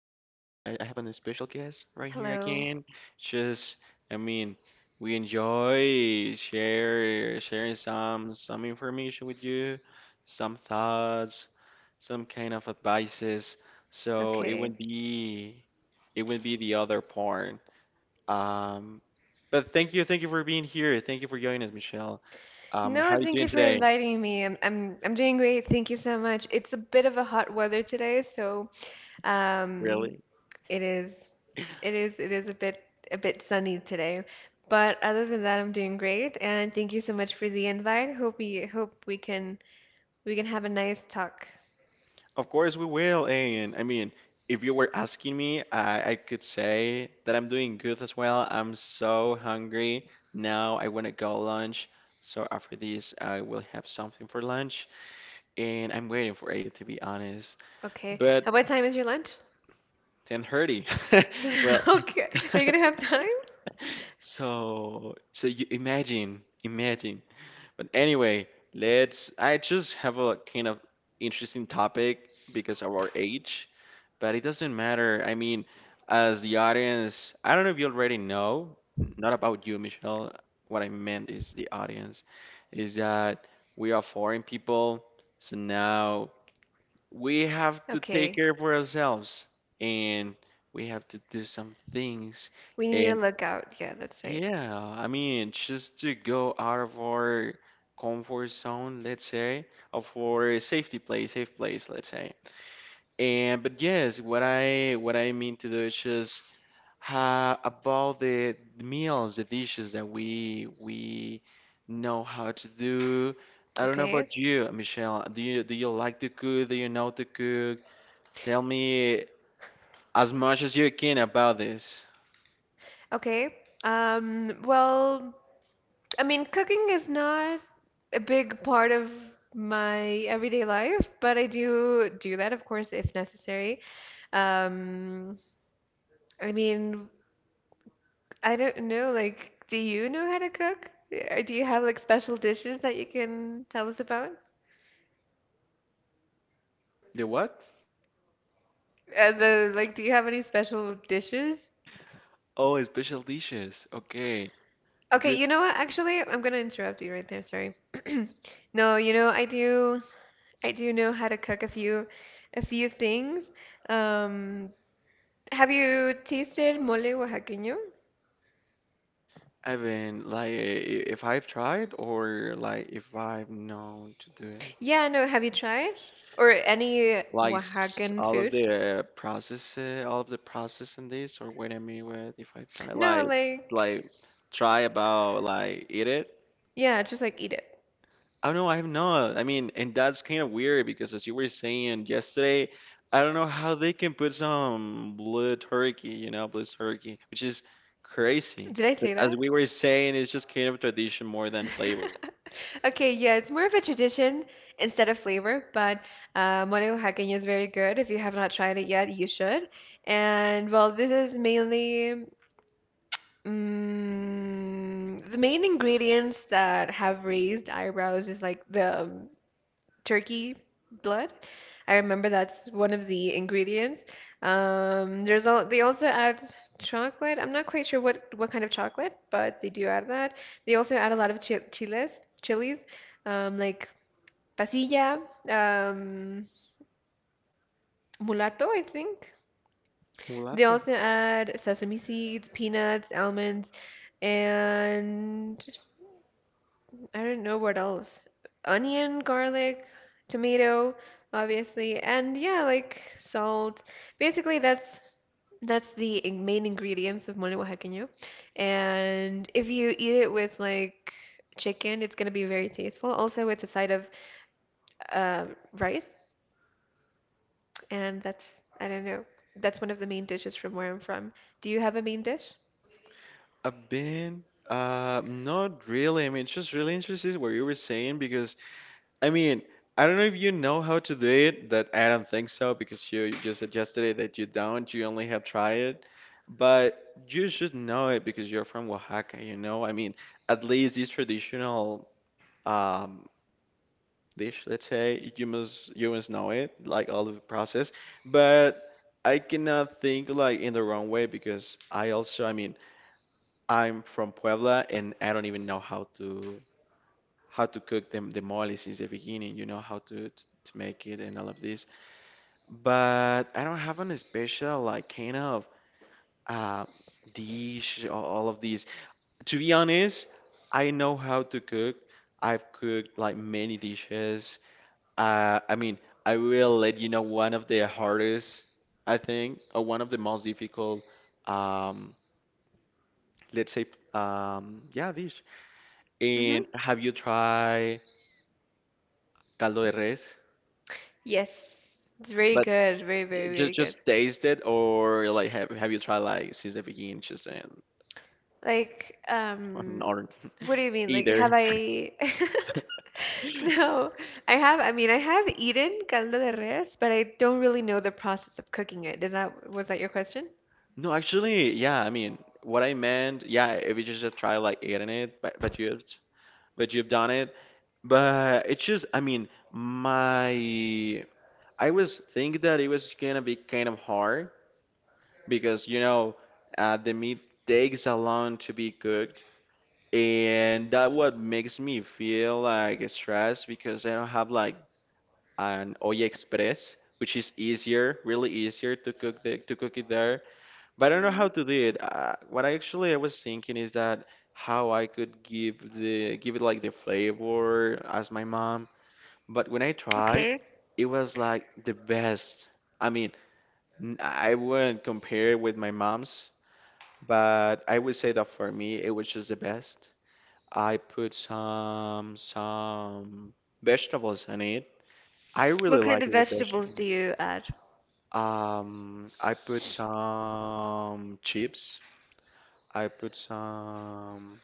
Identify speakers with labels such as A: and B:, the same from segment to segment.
A: I have an special guest right here
B: Hello.
A: again. Just, I mean, we enjoy share sharing some information with you, some thoughts, some kind of advices. So it
B: Okay.
A: would be it would be the other part. Um, but thank you for being here. Thank you for joining us, Michelle. How
B: No,
A: are you
B: thank
A: doing
B: you for
A: today?
B: inviting me. I'm doing great. Thank you so much. It's a bit of a hot weather today, so um
A: Really?
B: it is it is a bit sunny today. But other than that, I'm doing great and thank you so much for the invite. Hope we can have a nice talk.
A: Of course we will. And I mean, if you were asking me, I could say that I'm doing good as well. I'm so hungry. Now I want to go lunch. So after this, I will have something for lunch. And I'm waiting for it, to be honest.
B: Okay.
A: But
B: What time is your lunch?
A: 10:30. Well,
B: Okay. Are you gonna have time?
A: so you imagine. But anyway, let's. I just have a kind of interesting topic because of our age, but it doesn't matter. I mean, as the audience, I don't know if you already know, not about you, Michelle. What I meant is the audience, is that we are foreign people, so now we have to take
B: Okay.
A: care for ourselves and we have to do some things.
B: We need to look out. Yeah, that's right.
A: Yeah, I mean, just to go out of our comfort zone, let's say, of our safe place, let's say. And but yes, what I mean to do is just ha about the meals, the dishes that we know how to do. I don't know
B: Okay.
A: about you, Michelle. Do you like to cook? Do you know to cook? Tell me as much as you can about this.
B: Okay. Well, cooking is not a big part of my everyday life, but I do do that, of course, if necessary. Um, I mean, I don't know, like, do you know how to cook? Or do you have like special dishes that you can tell us about?
A: The what?
B: The like, do you have any special dishes?
A: Oh, special dishes. Okay.
B: Okay, you know what? Actually, I'm gonna interrupt you right there. Sorry. No, you know, I do know how to cook a few things. Um, Have you tasted mole oaxaqueño?
A: I mean, like, if I've tried or like if I've known to do it,
B: Yeah, no, have you tried? Or any
A: like
B: Oaxacan
A: all of
B: food?
A: the process, all of the process in this, or what I mean with if I've tried,
B: No,
A: like,
B: like,
A: like try about like eat it.
B: yeah, just like eat it.
A: I don't know, I have not. I mean, and that's kind of weird because as you were saying yesterday, I don't know how they can put some blue turkey, you know, blue turkey, which is crazy.
B: Did I
A: But
B: say
A: as we
B: that?
A: were saying, it's just kind of tradition more than flavor.
B: Okay, yeah, it's more of a tradition instead of flavor, but mole oaxaqueño is very good. If you have not tried it yet, you should. And well, this is mainly the main ingredients that have raised eyebrows is like the turkey blood. I remember that's one of the ingredients. There's all they also add chocolate. I'm not quite sure what kind of chocolate, but they do add that. They also add a lot of chiles, chilies, like pasilla, um, mulato, I think. They
A: Mulatto.
B: also add sesame seeds, peanuts, almonds, and I don't know what else. Onion, garlic, tomato, obviously, and yeah, like salt. Basically, that's the main ingredients of mole oaxaqueño. And if you eat it with like chicken, it's gonna be very tasteful. Also with a side of uh, rice, and that's I don't know. That's one of the main dishes from where I'm from. Do you have a main dish?
A: I've been not really. I mean, it's just really interested what you were saying because I mean, I don't know if you know how to do it, that I don't think so because you just suggested it that you don't, you only have tried it. But you should know it because you're from Oaxaca, you know? I mean, at least this traditional um dish, let's say, you must know it, like all of the process. But I cannot think like in the wrong way because I also, I mean I'm from Puebla and I don't even know how to cook the mole since the beginning, you know, how to make it and all of this. But I don't have any special like kind of uh dish or all of these. To be honest, I know how to cook. I've cooked like many dishes. I mean, I will let you know one of the hardest, I think, or one of the most difficult um let's say yeah dish.
B: Mm-hmm.
A: And have you tried caldo de res?
B: Yes, it's very
A: But
B: good. Very, very, very good.
A: just taste it, or like have you tried like since the beginning, just and
B: Like, um,
A: or
B: what do you mean? Like, have
A: either?
B: I? No, I have. I mean, I have eaten caldo de res, but I don't really know the process of cooking it. Is that was that your question?
A: No, actually, yeah. I mean, what I meant, yeah. If you just have tried like eating it, but but you've done it, but it's just, I mean, my I was thinking that it was gonna be kind of hard because you know the meat takes a long to be cooked, and that what makes me feel like stressed because I don't have like an Olla Express, which is easier, really easier to cook the to cook it there. But I don't know how
B: hmm
A: to do it. What I actually I was thinking is that how I could give it like the flavor as my mom. But when I tried,
B: Okay.
A: it was like the best. I mean, I wouldn't compare it with my mom's, but I would say that for me, it was just the best. I put some vegetables in it. I really
B: What kind
A: like
B: of
A: it with
B: vegetables do
A: vegetables.
B: you add?
A: I put some chips. I put some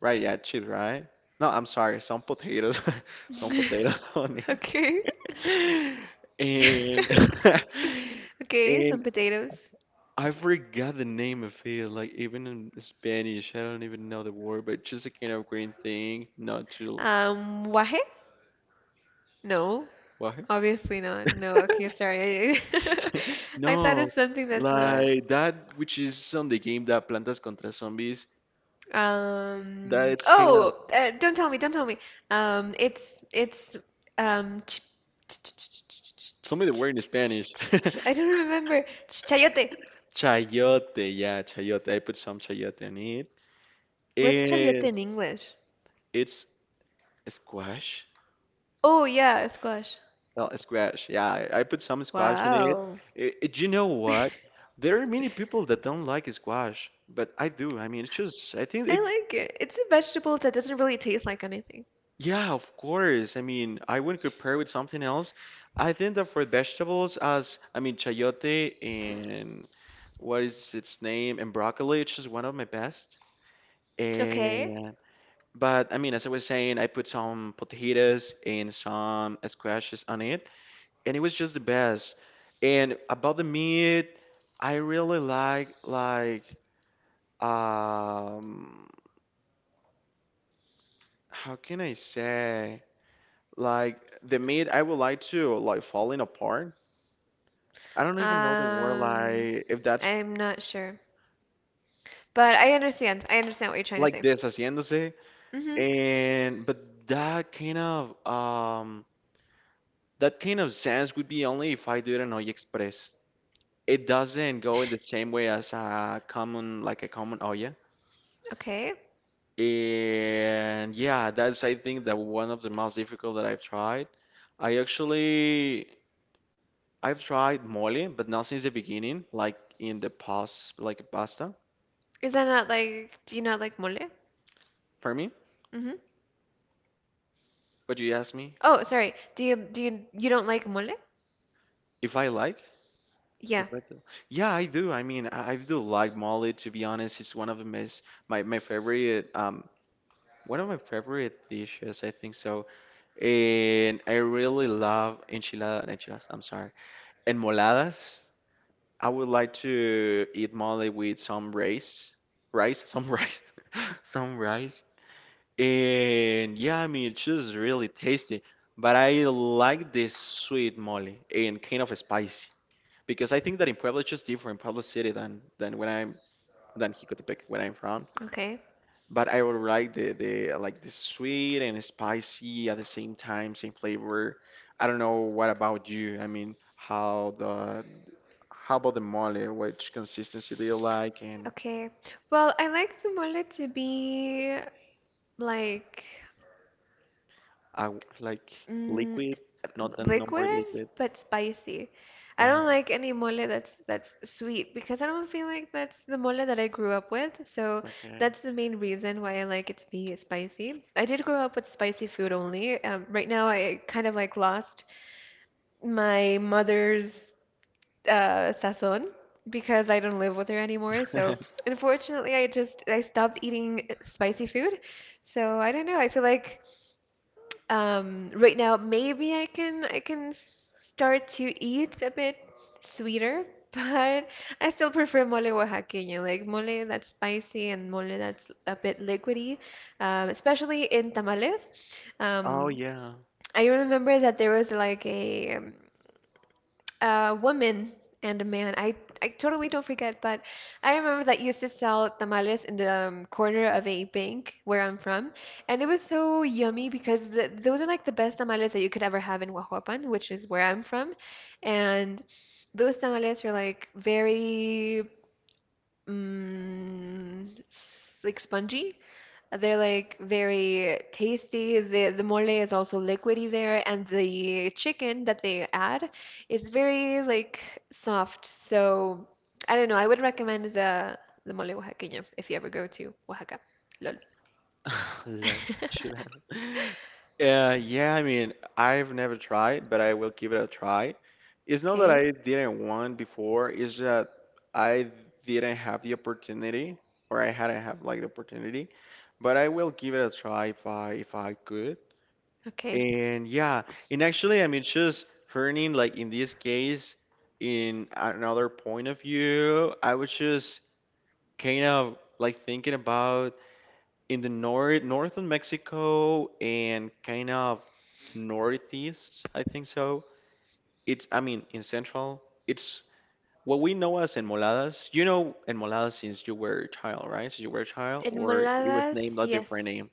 A: right, yeah, chips, right? No, I'm sorry, some potatoes, some potatoes on
B: Okay.
A: it. And
B: Okay,
A: and
B: some potatoes.
A: I forgot the name of it. Like even in Spanish, I don't even know the word, but just a kind of green thing, not to
B: Guaje? No,
A: what?
B: obviously not. No, okay, sorry. I thought it's
A: No,
B: something that's not.
A: like that, which is on the game that Plantas contra Zombies, that's kind of,
B: Oh, don't tell me. It's ch- ch- ch- ch- ch- ch-
A: tell
B: ch-
A: me the word in
B: ch-
A: Spanish.
B: ch- ch- I don't remember. Chayote.
A: Chayote, yeah, chayote. I put some chayote in it.
B: What's chayote
A: And
B: in English?
A: it's squash.
B: Oh yeah, squash.
A: Well, squash, yeah, I put some squash in it.
B: Wow.
A: Do you know what? There are many people that don't like squash, but I do. I mean, it's just, I think
B: I
A: it.
B: like it. It's a vegetable that doesn't really taste like anything.
A: Yeah, of course. I mean, I wouldn't compare with something else. I think that for vegetables, as I mean, chayote and what is its name, and broccoli, it's just one of my best.
B: Okay.
A: And but I mean, as I was saying, I put some potajitas and some squashes on it, and it was just the best. And about the meat, I really like um, how can I say? Like the meat, I would like to like falling apart. I don't even know the word
B: Um,
A: like if that's
B: I'm not sure, but I understand. I understand what you're trying to
A: like
B: say.
A: this haciéndose.
B: Mm-hmm.
A: And but that kind of sense would be only if I do it in Olla Express. It doesn't go in the same way as a common like a common olla.
B: Okay.
A: And yeah, that's I think that one of the most difficult that I've tried. I actually I've tried mole, but not since the beginning, like in the past like pasta.
B: Is that not like, do you not like mole?
A: For me?
B: Mm-hmm.
A: But you asked me
B: Oh, sorry. Do you you don't like mole?
A: if I like? If
B: Yeah.
A: I do? Yeah, I do. I mean, I do like Molly, to be honest. It's one of the most, my favorite, one of my favorite dishes, I think so. And I really love enchiladas, I'm sorry, enmoladas. I would like to eat Molly with some rice, some rice. And yeah, I mean, it's just really tasty. But I like this sweet mole and kind of spicy because I think that in Puebla it's just different, Puebla City than when I'm than Jicotepec when I'm from.
B: Okay.
A: But I would like the like the sweet and spicy at the same time, same flavor. I don't know what about you. I mean, how about the mole? Which consistency do you like? And
B: Okay. Well, I like the mole to be like
A: I w- like
B: mm,
A: liquid, not the no more
B: liquid
A: liquid.
B: but spicy. I
A: Yeah,
B: don't like any mole that's sweet because I don't feel like that's the mole that I grew up with. So
A: okay.
B: that's the main reason why I like it to be spicy. I did grow up with spicy food only. Right now, I kind of like lost my mother's sazon because I don't live with her anymore. So unfortunately, I stopped eating spicy food. So I don't know. I feel like right now maybe I can start to eat a bit sweeter, but I still prefer mole oaxaqueño, like mole that's spicy and mole that's a bit liquidy, especially in tamales.
A: Oh
B: Um,
A: yeah,
B: I remember that there was like a woman and a man. I totally don't forget, but I remember that used to sell tamales in the corner of a bank where I'm from. And it was so yummy because the, those are like the best tamales that you could ever have in Huajuapan, which is where I'm from. And those tamales are like very like spongy. They're like very tasty. The mole is also liquidy there, and the chicken that they add is very like soft. So I don't know. I would recommend the mole oaxaqueño if you ever go to Oaxaca. Lol.
A: love Chanel. Yeah, I mean, I've never tried, but I will give it a try. It's not that
B: Okay,
A: I didn't want before, it's that I didn't have the opportunity, or I hadn't had like the opportunity. But I will give it a try if I could.
B: okay.
A: And yeah, and actually, I mean, just turning like in this case, in another point of view, I was just kind of like thinking about. In the north northern Mexico and kind of northeast, I think so. It's I mean in central, it's what we know as enmoladas. You know enmoladas since you were a child, right? Since you were a child, or it was
B: Enmoladas,
A: named a different
B: yes.
A: name.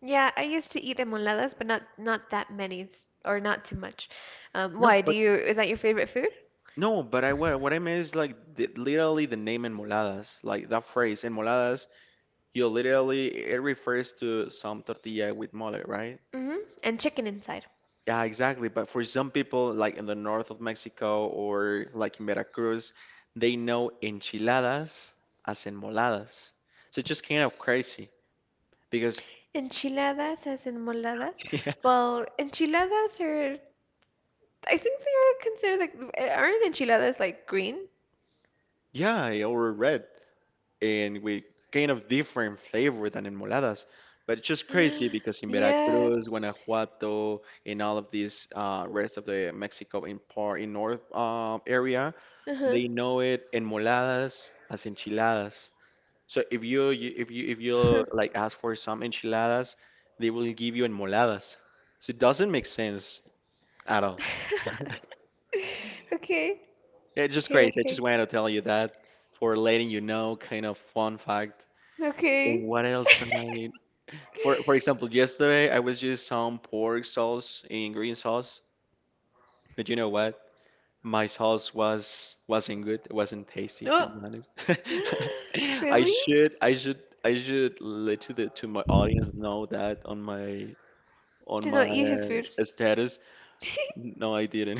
B: Yeah, I used to eat enmoladas, but not that many or not too much.
A: No,
B: Why do
A: but
B: you? Is that your favorite food?
A: no, but I what I mean is like the, literally the name enmoladas, like that phrase enmoladas. You literally it refers to some tortilla with mole, right?
B: hmm And chicken inside.
A: Yeah, exactly. But for some people, like in the north of Mexico or like in Veracruz, they know enchiladas as enmoladas. So it's just kind of crazy because,
B: Enchiladas as in moladas.
A: yeah,
B: Well, enchiladas are, I think they are considered like, aren't enchiladas like green?
A: yeah, or red and with kind of different flavor than enmoladas. But it's just crazy because in
B: Yeah.
A: Veracruz, Guanajuato, in all of these rest of the Mexico in part in north area,
B: Uh-huh.
A: they know it enmoladas as enchiladas. So if you, you if you like ask for some enchiladas, they will give you enmoladas. So it doesn't make sense at all.
B: Okay.
A: It's just
B: Okay,
A: crazy. I just
B: okay.
A: wanted to tell you that for letting you know, kind of fun fact. And
B: Okay.
A: what else I for example, yesterday I was using some pork sauce in green sauce, but you know what? My sauce was wasn't good. It wasn't tasty, to
B: Oh.
A: be honest.
B: Really?
A: I should let to the to my audience know that on
B: Did not
A: my
B: eat his food.
A: status. No, I didn't.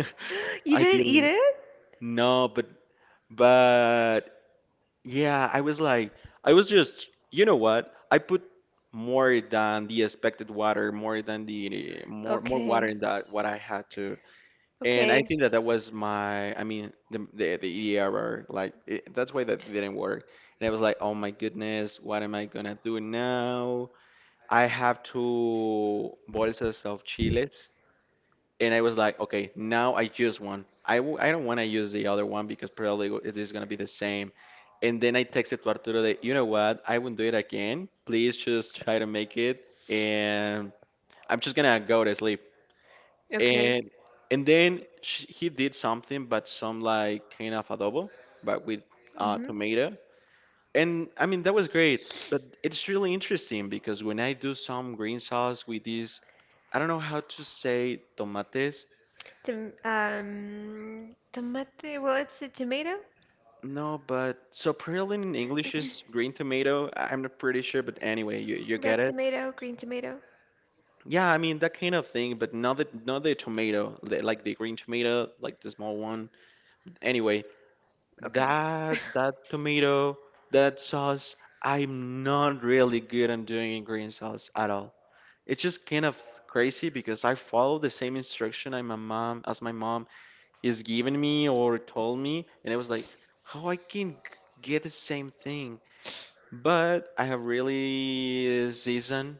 B: You
A: I
B: didn't eat
A: didn't.
B: it?
A: No, but yeah, I was like, I was just, you know what? I put more than the expected water, more than the more more water
B: Okay.
A: in that what I had to, and I
B: Okay.
A: think that that was my, I mean, the error. Like it, that's why that didn't work. And I was like, oh my goodness, what am I gonna do now? I have two bolsas of chiles, and I was like, okay, now I choose one. I don't want to use the other one because probably it is going to be the same. And then I texted to Arturo that, you know what? I won't do it again. Please just try to make it. And I'm just going to go to sleep.
B: Okay.
A: And and then sh he did something, but some like kind of adobo, but with
B: hmm
A: tomato. And I mean, that was great. But it's really interesting because when I do some green sauce with these, I don't know how to say tomates.
B: Tom tomate. Well, it's a tomato,
A: No, but so praline in English is green tomato. I'm not pretty sure, but anyway, you get
B: red
A: it.
B: tomato, green tomato.
A: Yeah, I mean that kind of thing, but not the tomato, the, like the green tomato, like the small one. Anyway,
B: Okay.
A: that tomato, that sauce, I'm not really good on doing green sauce at all. It's just kind of crazy because I follow the same instruction I my mom as my mom is giving me or told me, and I was like, how I can get the same thing? But I have really seasoned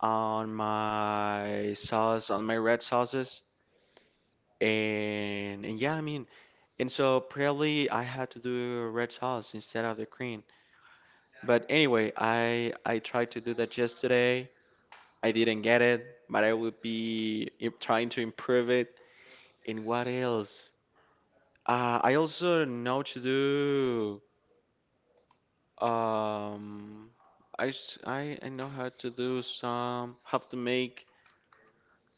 A: on my sauce, on my red sauces. And yeah, I mean, and so probably I had to do a red sauce instead of the green. But anyway, I tried to do that yesterday. I didn't get it, but I would be trying to improve it. And what else? I also know to do um I, s- I know how to do some, how to make,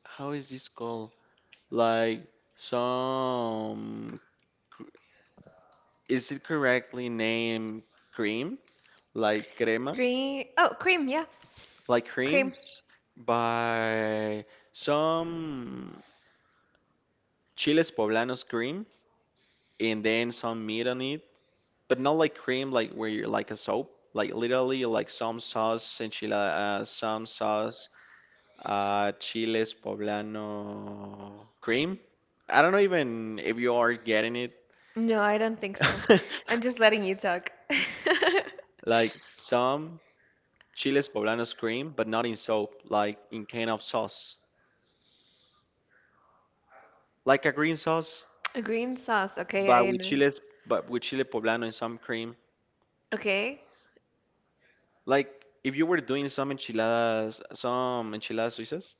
A: how is this called? Like some, is it correctly named cream? Like crema?
B: Green. Oh, cream. Yeah,
A: Like
B: cream.
A: creams by some chiles poblanos cream and then some meat on it. But not like cream like where you're like a soap. Like literally like some sauce enchilada, some sauce, chiles poblano cream. I don't know even if you are getting
B: No, I don't think so.
A: it.
B: I'm just letting you talk.
A: Like some chiles poblanos cream, but not in soap, like in kind of sauce, like a green sauce,
B: A green sauce.
A: but
B: Okay, I
A: with
B: know.
A: chiles, but with chile poblano and some cream.
B: Okay.
A: Like if you were doing some enchiladas suizas,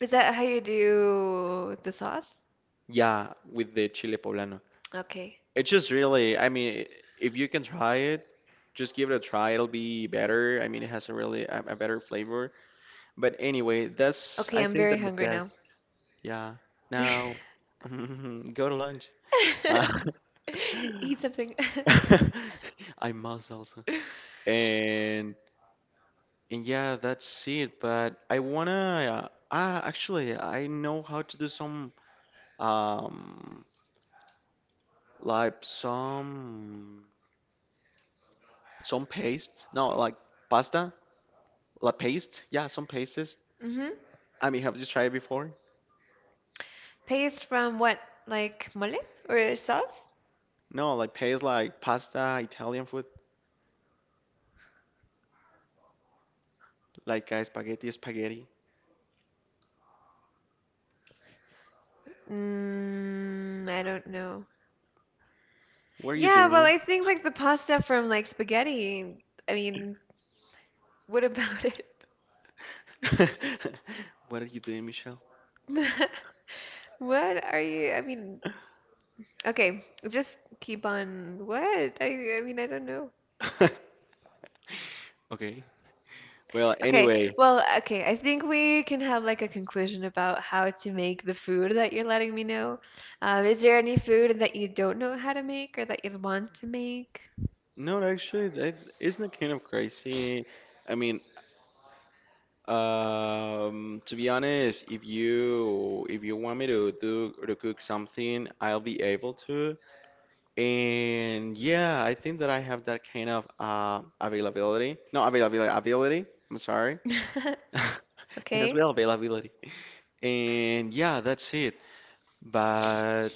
B: Is that how you do the sauce?
A: yeah, with the chile poblano.
B: Okay.
A: It's just really, I mean, if you can try it, just give it a try. It'll be better. I mean, it has a really a better flavor. But anyway, that's
B: Okay,
A: I
B: I'm
A: think
B: very
A: the
B: hungry now.
A: best. Yeah. Now, go to lunch.
B: Eat something.
A: I must also. And and yeah, that's it. But I wanna actually I know how to do some um like some paste. No, like pasta, like paste. Yeah, some pastes.
B: Mm-hmm.
A: I mean, have you tried before?
B: Paste from what? Like mole? Or sauce?
A: No, like paste like pasta, Italian food, like spaghetti.
B: Mm, I don't know.
A: What are you
B: Yeah, well,
A: doing?
B: I think like the pasta from like spaghetti. I mean, what about it?
A: What are you doing, Michelle?
B: What are you? I mean, okay, just keep on. What? I mean, I don't know.
A: Okay. Well,
B: Okay,
A: anyway.
B: well, okay, I think we can have like a conclusion about how to make the food that you're letting me know. Is there any food that you don't know how to make or that you want to make?
A: No, actually, that isn't it kind of crazy? I mean, to be honest, if you want me to cook something, I'll be able to. And yeah, I think that I have that kind of availability. No, availability, ability. I'm sorry. And as
B: Okay.
A: well, availability. And yeah, that's it. But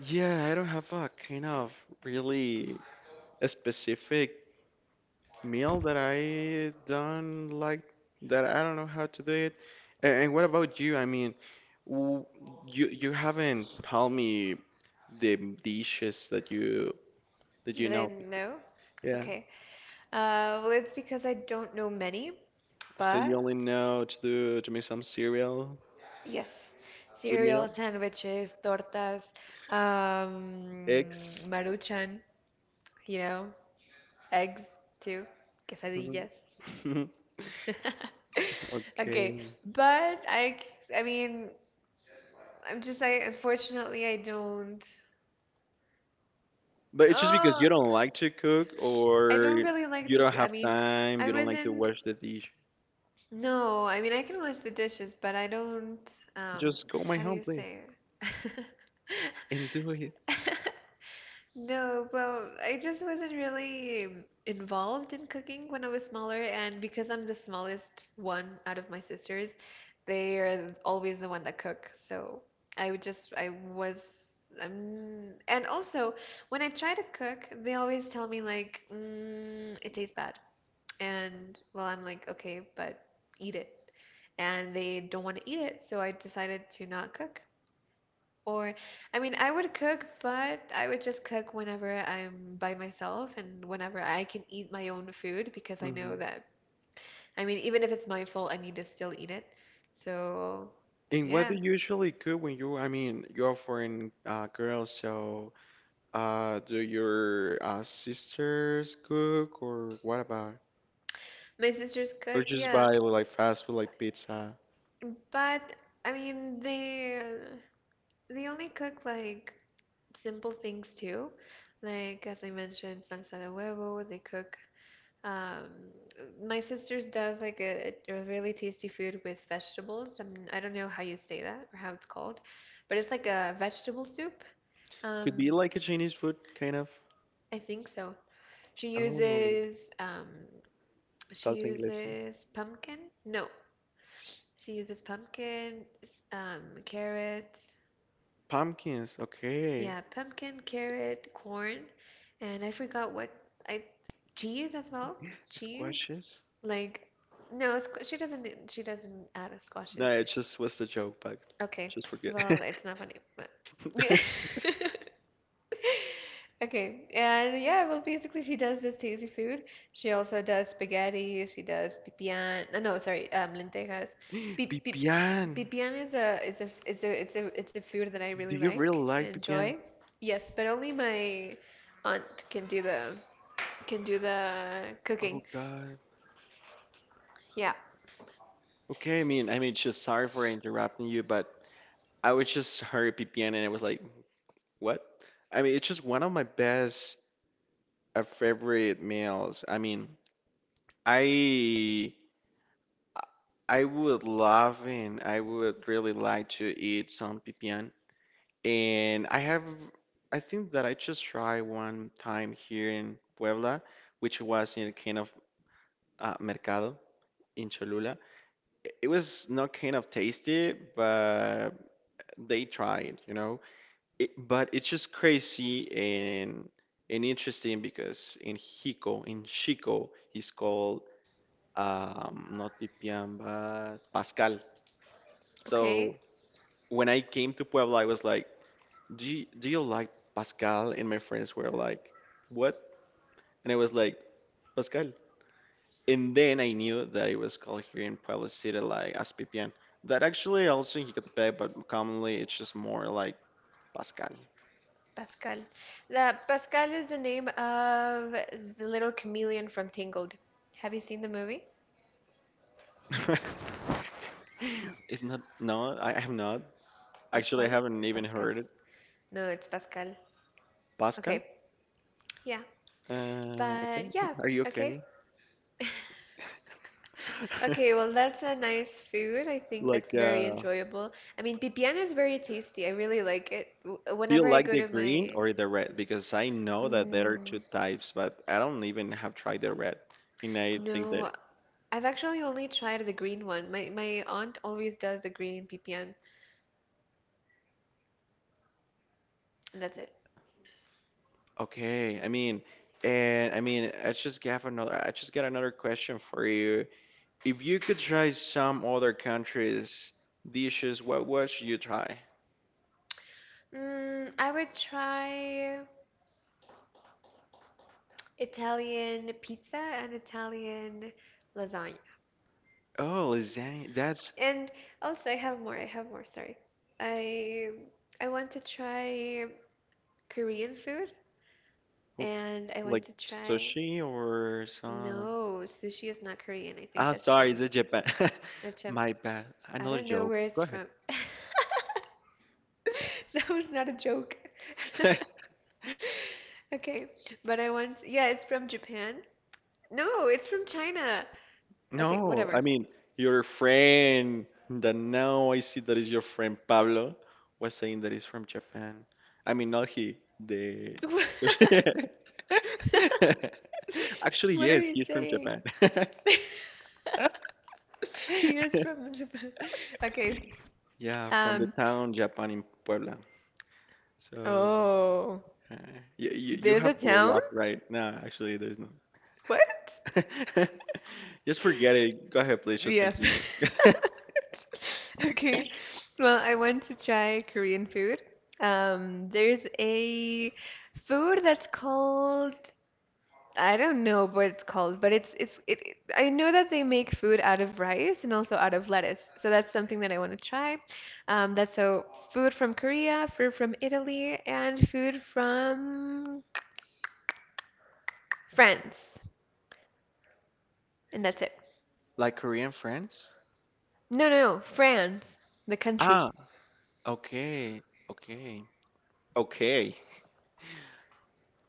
A: yeah, I don't have a kind of really a specific meal that I don't like, that I don't know how to do it. And what about you? I mean, w you haven't told me the dishes that you, that you know to
B: Then
A: cook.
B: no?
A: Yeah.
B: Okay. Well, it's because I don't know many,
A: So you
B: but
A: only know to make some cereal
B: yes.
A: with
B: Cereal
A: milk,
B: sandwiches, tortas,
A: eggs.
B: maruchan, you know, eggs too,
A: Mhm.
B: quesadillas. Okay,
A: Okay.
B: but I mean, I unfortunately I don't,
A: But it's just because
B: oh,
A: you don't like to cook,
B: I
A: or
B: don't really like
A: you
B: to,
A: don't
B: I
A: have
B: mean,
A: time,
B: I
A: you don't like to
B: wasn't
A: wash the dish.
B: No, I mean I can wash the dishes, but I don't um
A: Just go my
B: how do
A: home,
B: you
A: please,
B: say it?
A: and do
B: No, well, I just wasn't really involved in cooking when I was smaller, and because I'm the smallest one out of my sisters, they are always the one that cook. So I would just, I was, and also when I try to cook, they always tell me like, mm, it tastes bad. And well, I'm like, okay, but eat it. And they don't want to eat it, so I decided to not cook. Or, I mean, I would cook, but I would just cook whenever I'm by myself and whenever I can eat my own food because I
A: it.
B: know that, I mean, even if it's my fault, I need to still eat it. So,
A: And what do
B: yeah.
A: you usually cook when you, I mean, you're a foreign girl, so do your sisters cook or what about?
B: My sisters
A: Or
B: cook,
A: just
B: yeah.
A: buy like fast food like pizza?
B: But, I mean, they only cook like simple things too. Like as I mentioned, salsa de huevo, they cook Um, my sister's does like a really tasty food with vegetables. I mean, I don't know how you say that or how it's called, but it's like a vegetable soup.
A: Could be
B: Um,
A: like a Chinese food kind of.
B: I think so. She
A: Oh,
B: uses um, she
A: salsa inglesa.
B: uses pumpkin. No, she uses pumpkin, carrots.
A: Pumpkins, okay.
B: Yeah, pumpkin, carrot, corn, and I forgot what I cheese as well. Cheese,
A: Squashes?
B: like no, she doesn't. She doesn't add
A: No,
B: squashes.
A: it just was a joke, but
B: Okay.
A: just forget.
B: Well, it's not funny, but Okay. And yeah, well, basically she does this tasty food. She also does spaghetti, she does pipián. No, no, sorry, lentejas. Pi pi
A: Pipián.
B: pipián is a it's a food that I really
A: Do you really
B: like and
A: like pipián?
B: enjoy. Yes, but only my aunt can do the
A: Oh
B: cooking.
A: God.
B: Yeah.
A: Okay, I mean, just sorry for interrupting you, but I was just heard PPN and it was like, what? I mean, it's just one of my best favorite meals. I mean, I I would love and I would really like to eat some PPN. And I have, I think that I just tried one time here in Puebla, which was in a kind of mercado in Cholula. It was not kind of tasty, but they tried, you know. It, but it's just crazy and interesting because in Hiko, in Chico, he's called not Pipian but Pascal.
B: Okay.
A: So when I came to Puebla, I was like, do you like Pascal?" And my friends were like, "What?" And I was like, "Pascal." And then I knew that it was called here in Puebla City like as Pipian. That actually also in Hicatepec, but commonly it's just more like Pascal.
B: Pascal. The Pascal is the name of the little chameleon from Tangled. Have you seen the movie?
A: It's not. No, I have not. Actually, I
B: Pascal
A: haven't
B: or
A: even
B: Pascal?
A: heard it.
B: No, it's Pascal.
A: Pascal?
B: Okay. Yeah.
A: Okay.
B: But yeah,
A: Are you
B: okay.
A: okay?
B: Okay, well, that's a nice food. I think that's
A: Like,
B: very enjoyable. I mean, pipián is very tasty. I really like it.
A: do you
B: Whenever I
A: like
B: go
A: the
B: to
A: green
B: my,
A: or the red? Because I know that there are two
B: mm,
A: types, but I don't even have tried the red. And I think that,
B: no, I've actually only tried the green one. My aunt always does the green pipián, and that's it.
A: okay, I mean, and I mean, I just have another, I just got another question for you. If you could try some other country's dishes, what would you try?
B: Mm, I would try Italian pizza and Italian lasagna.
A: Oh, lasagna. That's,
B: And also I have more, sorry. I I want to try Korean food
A: oof,
B: and I want
A: like
B: to try
A: sushi or some.
B: no, sushi is not Korean. I think
A: Ah,
B: that's
A: sorry, is it
B: Chinese.
A: Japan?
B: Or
A: My bad.
B: I
A: Another
B: don't know
A: joke.
B: where it's
A: Go ahead.
B: from. That was not a joke. Okay, but I want yeah, it's from Japan. No, it's from China. Okay,
A: No, I
B: whatever.
A: mean, your friend that now I see that is your friend Pablo was saying that he's from Japan. I mean, not he, the
B: What?
A: sushi. Actually,
B: What are
A: yes,
B: you
A: he's from
B: saying?
A: Japan.
B: He is from Japan. Okay.
A: Yeah, from the
B: Um.
A: town Japan in Puebla. So.
B: Oh,
A: Uh, you
B: there's a
A: have to
B: town?
A: laugh right now. Actually, there's no.
B: What?
A: Just forget it. Go ahead, please. Just
B: Yeah.
A: continue.
B: Okay. Well, I want to try Korean food. There's a food that's called I don't know what it's called, but I know that they make food out of rice and also out of lettuce. So that's something that I want to try. That's so food from Korea, food from Italy, and food from France. And that's it.
A: Like Korean friends?
B: No, no, no, France, the country.
A: Ah, okay, okay, okay.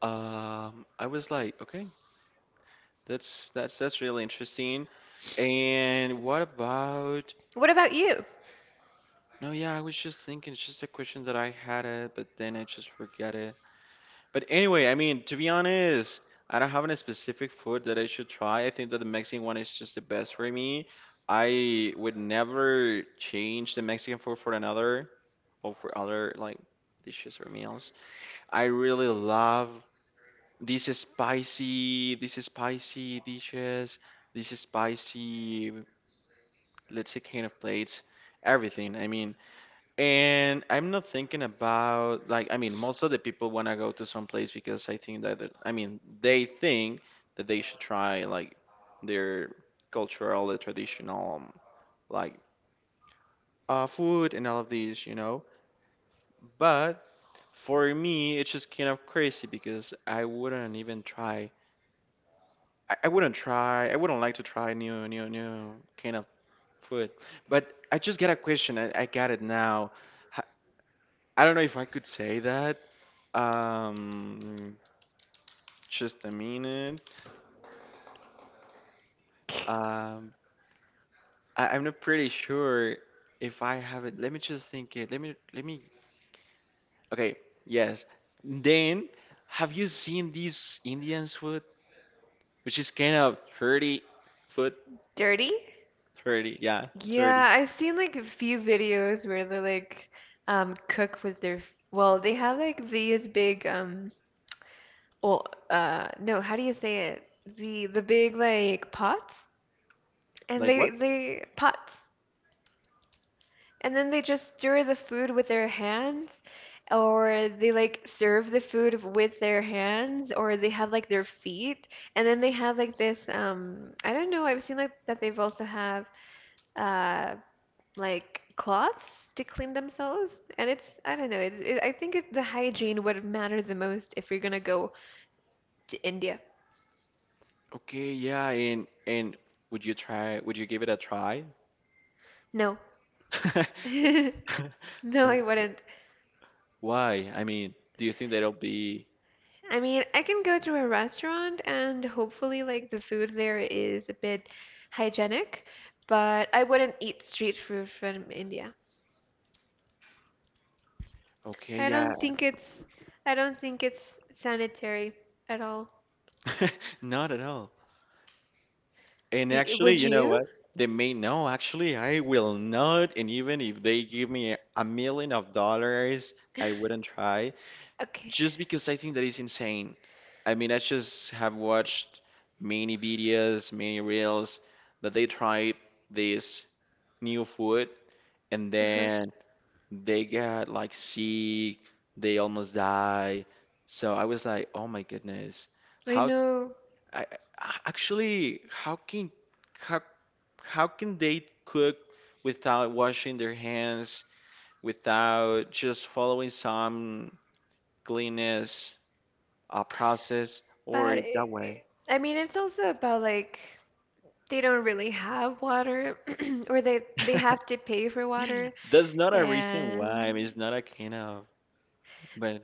A: I was like, okay, that's really interesting. And what about?
B: What about you?
A: No, yeah, I was just thinking. It's just a question that I had it, but then I just forget. But anyway, I mean, to be honest, I don't have any specific food that I should try. I think that the Mexican one is just the best for me. I would never change the Mexican food for another or for other like dishes or meals. I really love these spicy dishes, these spicy, let's say, kind of plates, everything. I mean, and I'm not thinking about like, I mean, most of the people want to go to some place because I think that I mean they think that they should try like their cultural, the traditional like food and all of these, you know. But for me, it's just kind of crazy because I wouldn't even try. I wouldn't try. I wouldn't like to try new kind of food. But I just got a question. I got it now. I don't know if I could say that. Um, just a minute. Um, I'm not pretty sure if I have it. Let me just think it. Let me. Okay, yes. Then, have you seen this Indian's food, which is kind of 30 foot,
B: Dirty?
A: 30, yeah,
B: Yeah,
A: 30.
B: I've seen like a few videos where they like cook with their well, they have like these big well, no, how do you say it? The big like pots, and
A: Like
B: they
A: what?
B: they pots, and then they just stir the food with their hands, or they like serve the food with their hands, or they have like their feet, and then they have like this I don't know I've seen like that they've also have uh like cloths to clean themselves, and it's I don't know I think it, the hygiene would matter the most if you're gonna go to India.
A: Okay, yeah, and would you try? Would you give it a try?
B: No.
A: That
B: No, I
A: was it.
B: wouldn't.
A: Why? I mean, do you think that'll be
B: I mean, I can go to a restaurant and hopefully, like, the food there is a bit hygienic, but I wouldn't eat street food from India.
A: okay?
B: I
A: Yeah,
B: don't think it's, I don't think it's sanitary at all.
A: not at all. And
B: Do,
A: actually,
B: would
A: you know
B: you?
A: what? They may know, actually, I will not. And even if they give me a million of dollars, I wouldn't try
B: Okay.
A: just because I think that is insane. I mean, I just have watched many videos, many reels that they try this new food and
B: Uh-huh.
A: then they get like sick, they almost die. So I was like, oh my goodness,
B: I
A: how
B: know,
A: I, actually, how can, how, how can they cook without washing their hands, without just following some cleanliness process or
B: but
A: that way?
B: I mean, it's also about like they don't really have water, or they have to pay for water,
A: That's not a reason why.
B: and
A: I mean, it's not a kind of, but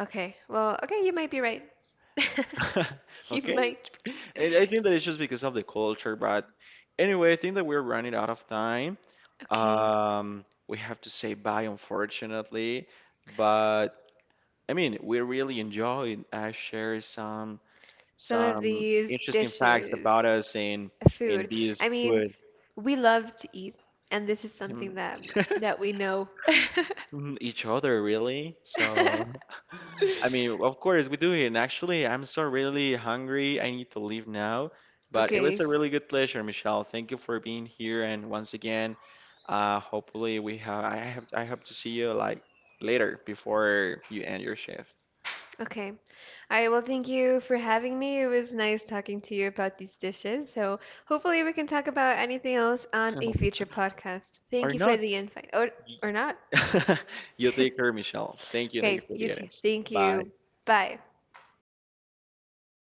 B: Okay. Well, okay, you might be right. You
A: okay.
B: might.
A: And I think that it's just because of the culture, but anyway, I think that we're running out of time.
B: Okay.
A: We have to say bye, unfortunately, but I mean, we really enjoyed I share some
B: Some of these
A: interesting facts about
B: dishes,
A: us in
B: food.
A: these
B: I mean,
A: food,
B: we love to eat, and this is
A: mm,
B: something that that we know.
A: mm, each other really. So I mean, of course we do it. And actually, I'm so really hungry. I need to leave now. But it was
B: Okay.
A: a really good pleasure, Michelle. Thank you for being here. And once again, hopefully we have I hope to see you like later before you end your shift,
B: Okay. All right, well, thank you for having me. It was nice talking to you about these dishes. So, hopefully, we can talk about anything else on a future podcast.
A: or
B: Thank you for
A: not.
B: the invite. Or not.
A: You take care, Michelle. Thank you. Thank you
B: Okay,
A: for
B: you
A: the
B: too.
A: audience.
B: Thank
A: Bye.
B: you. Bye.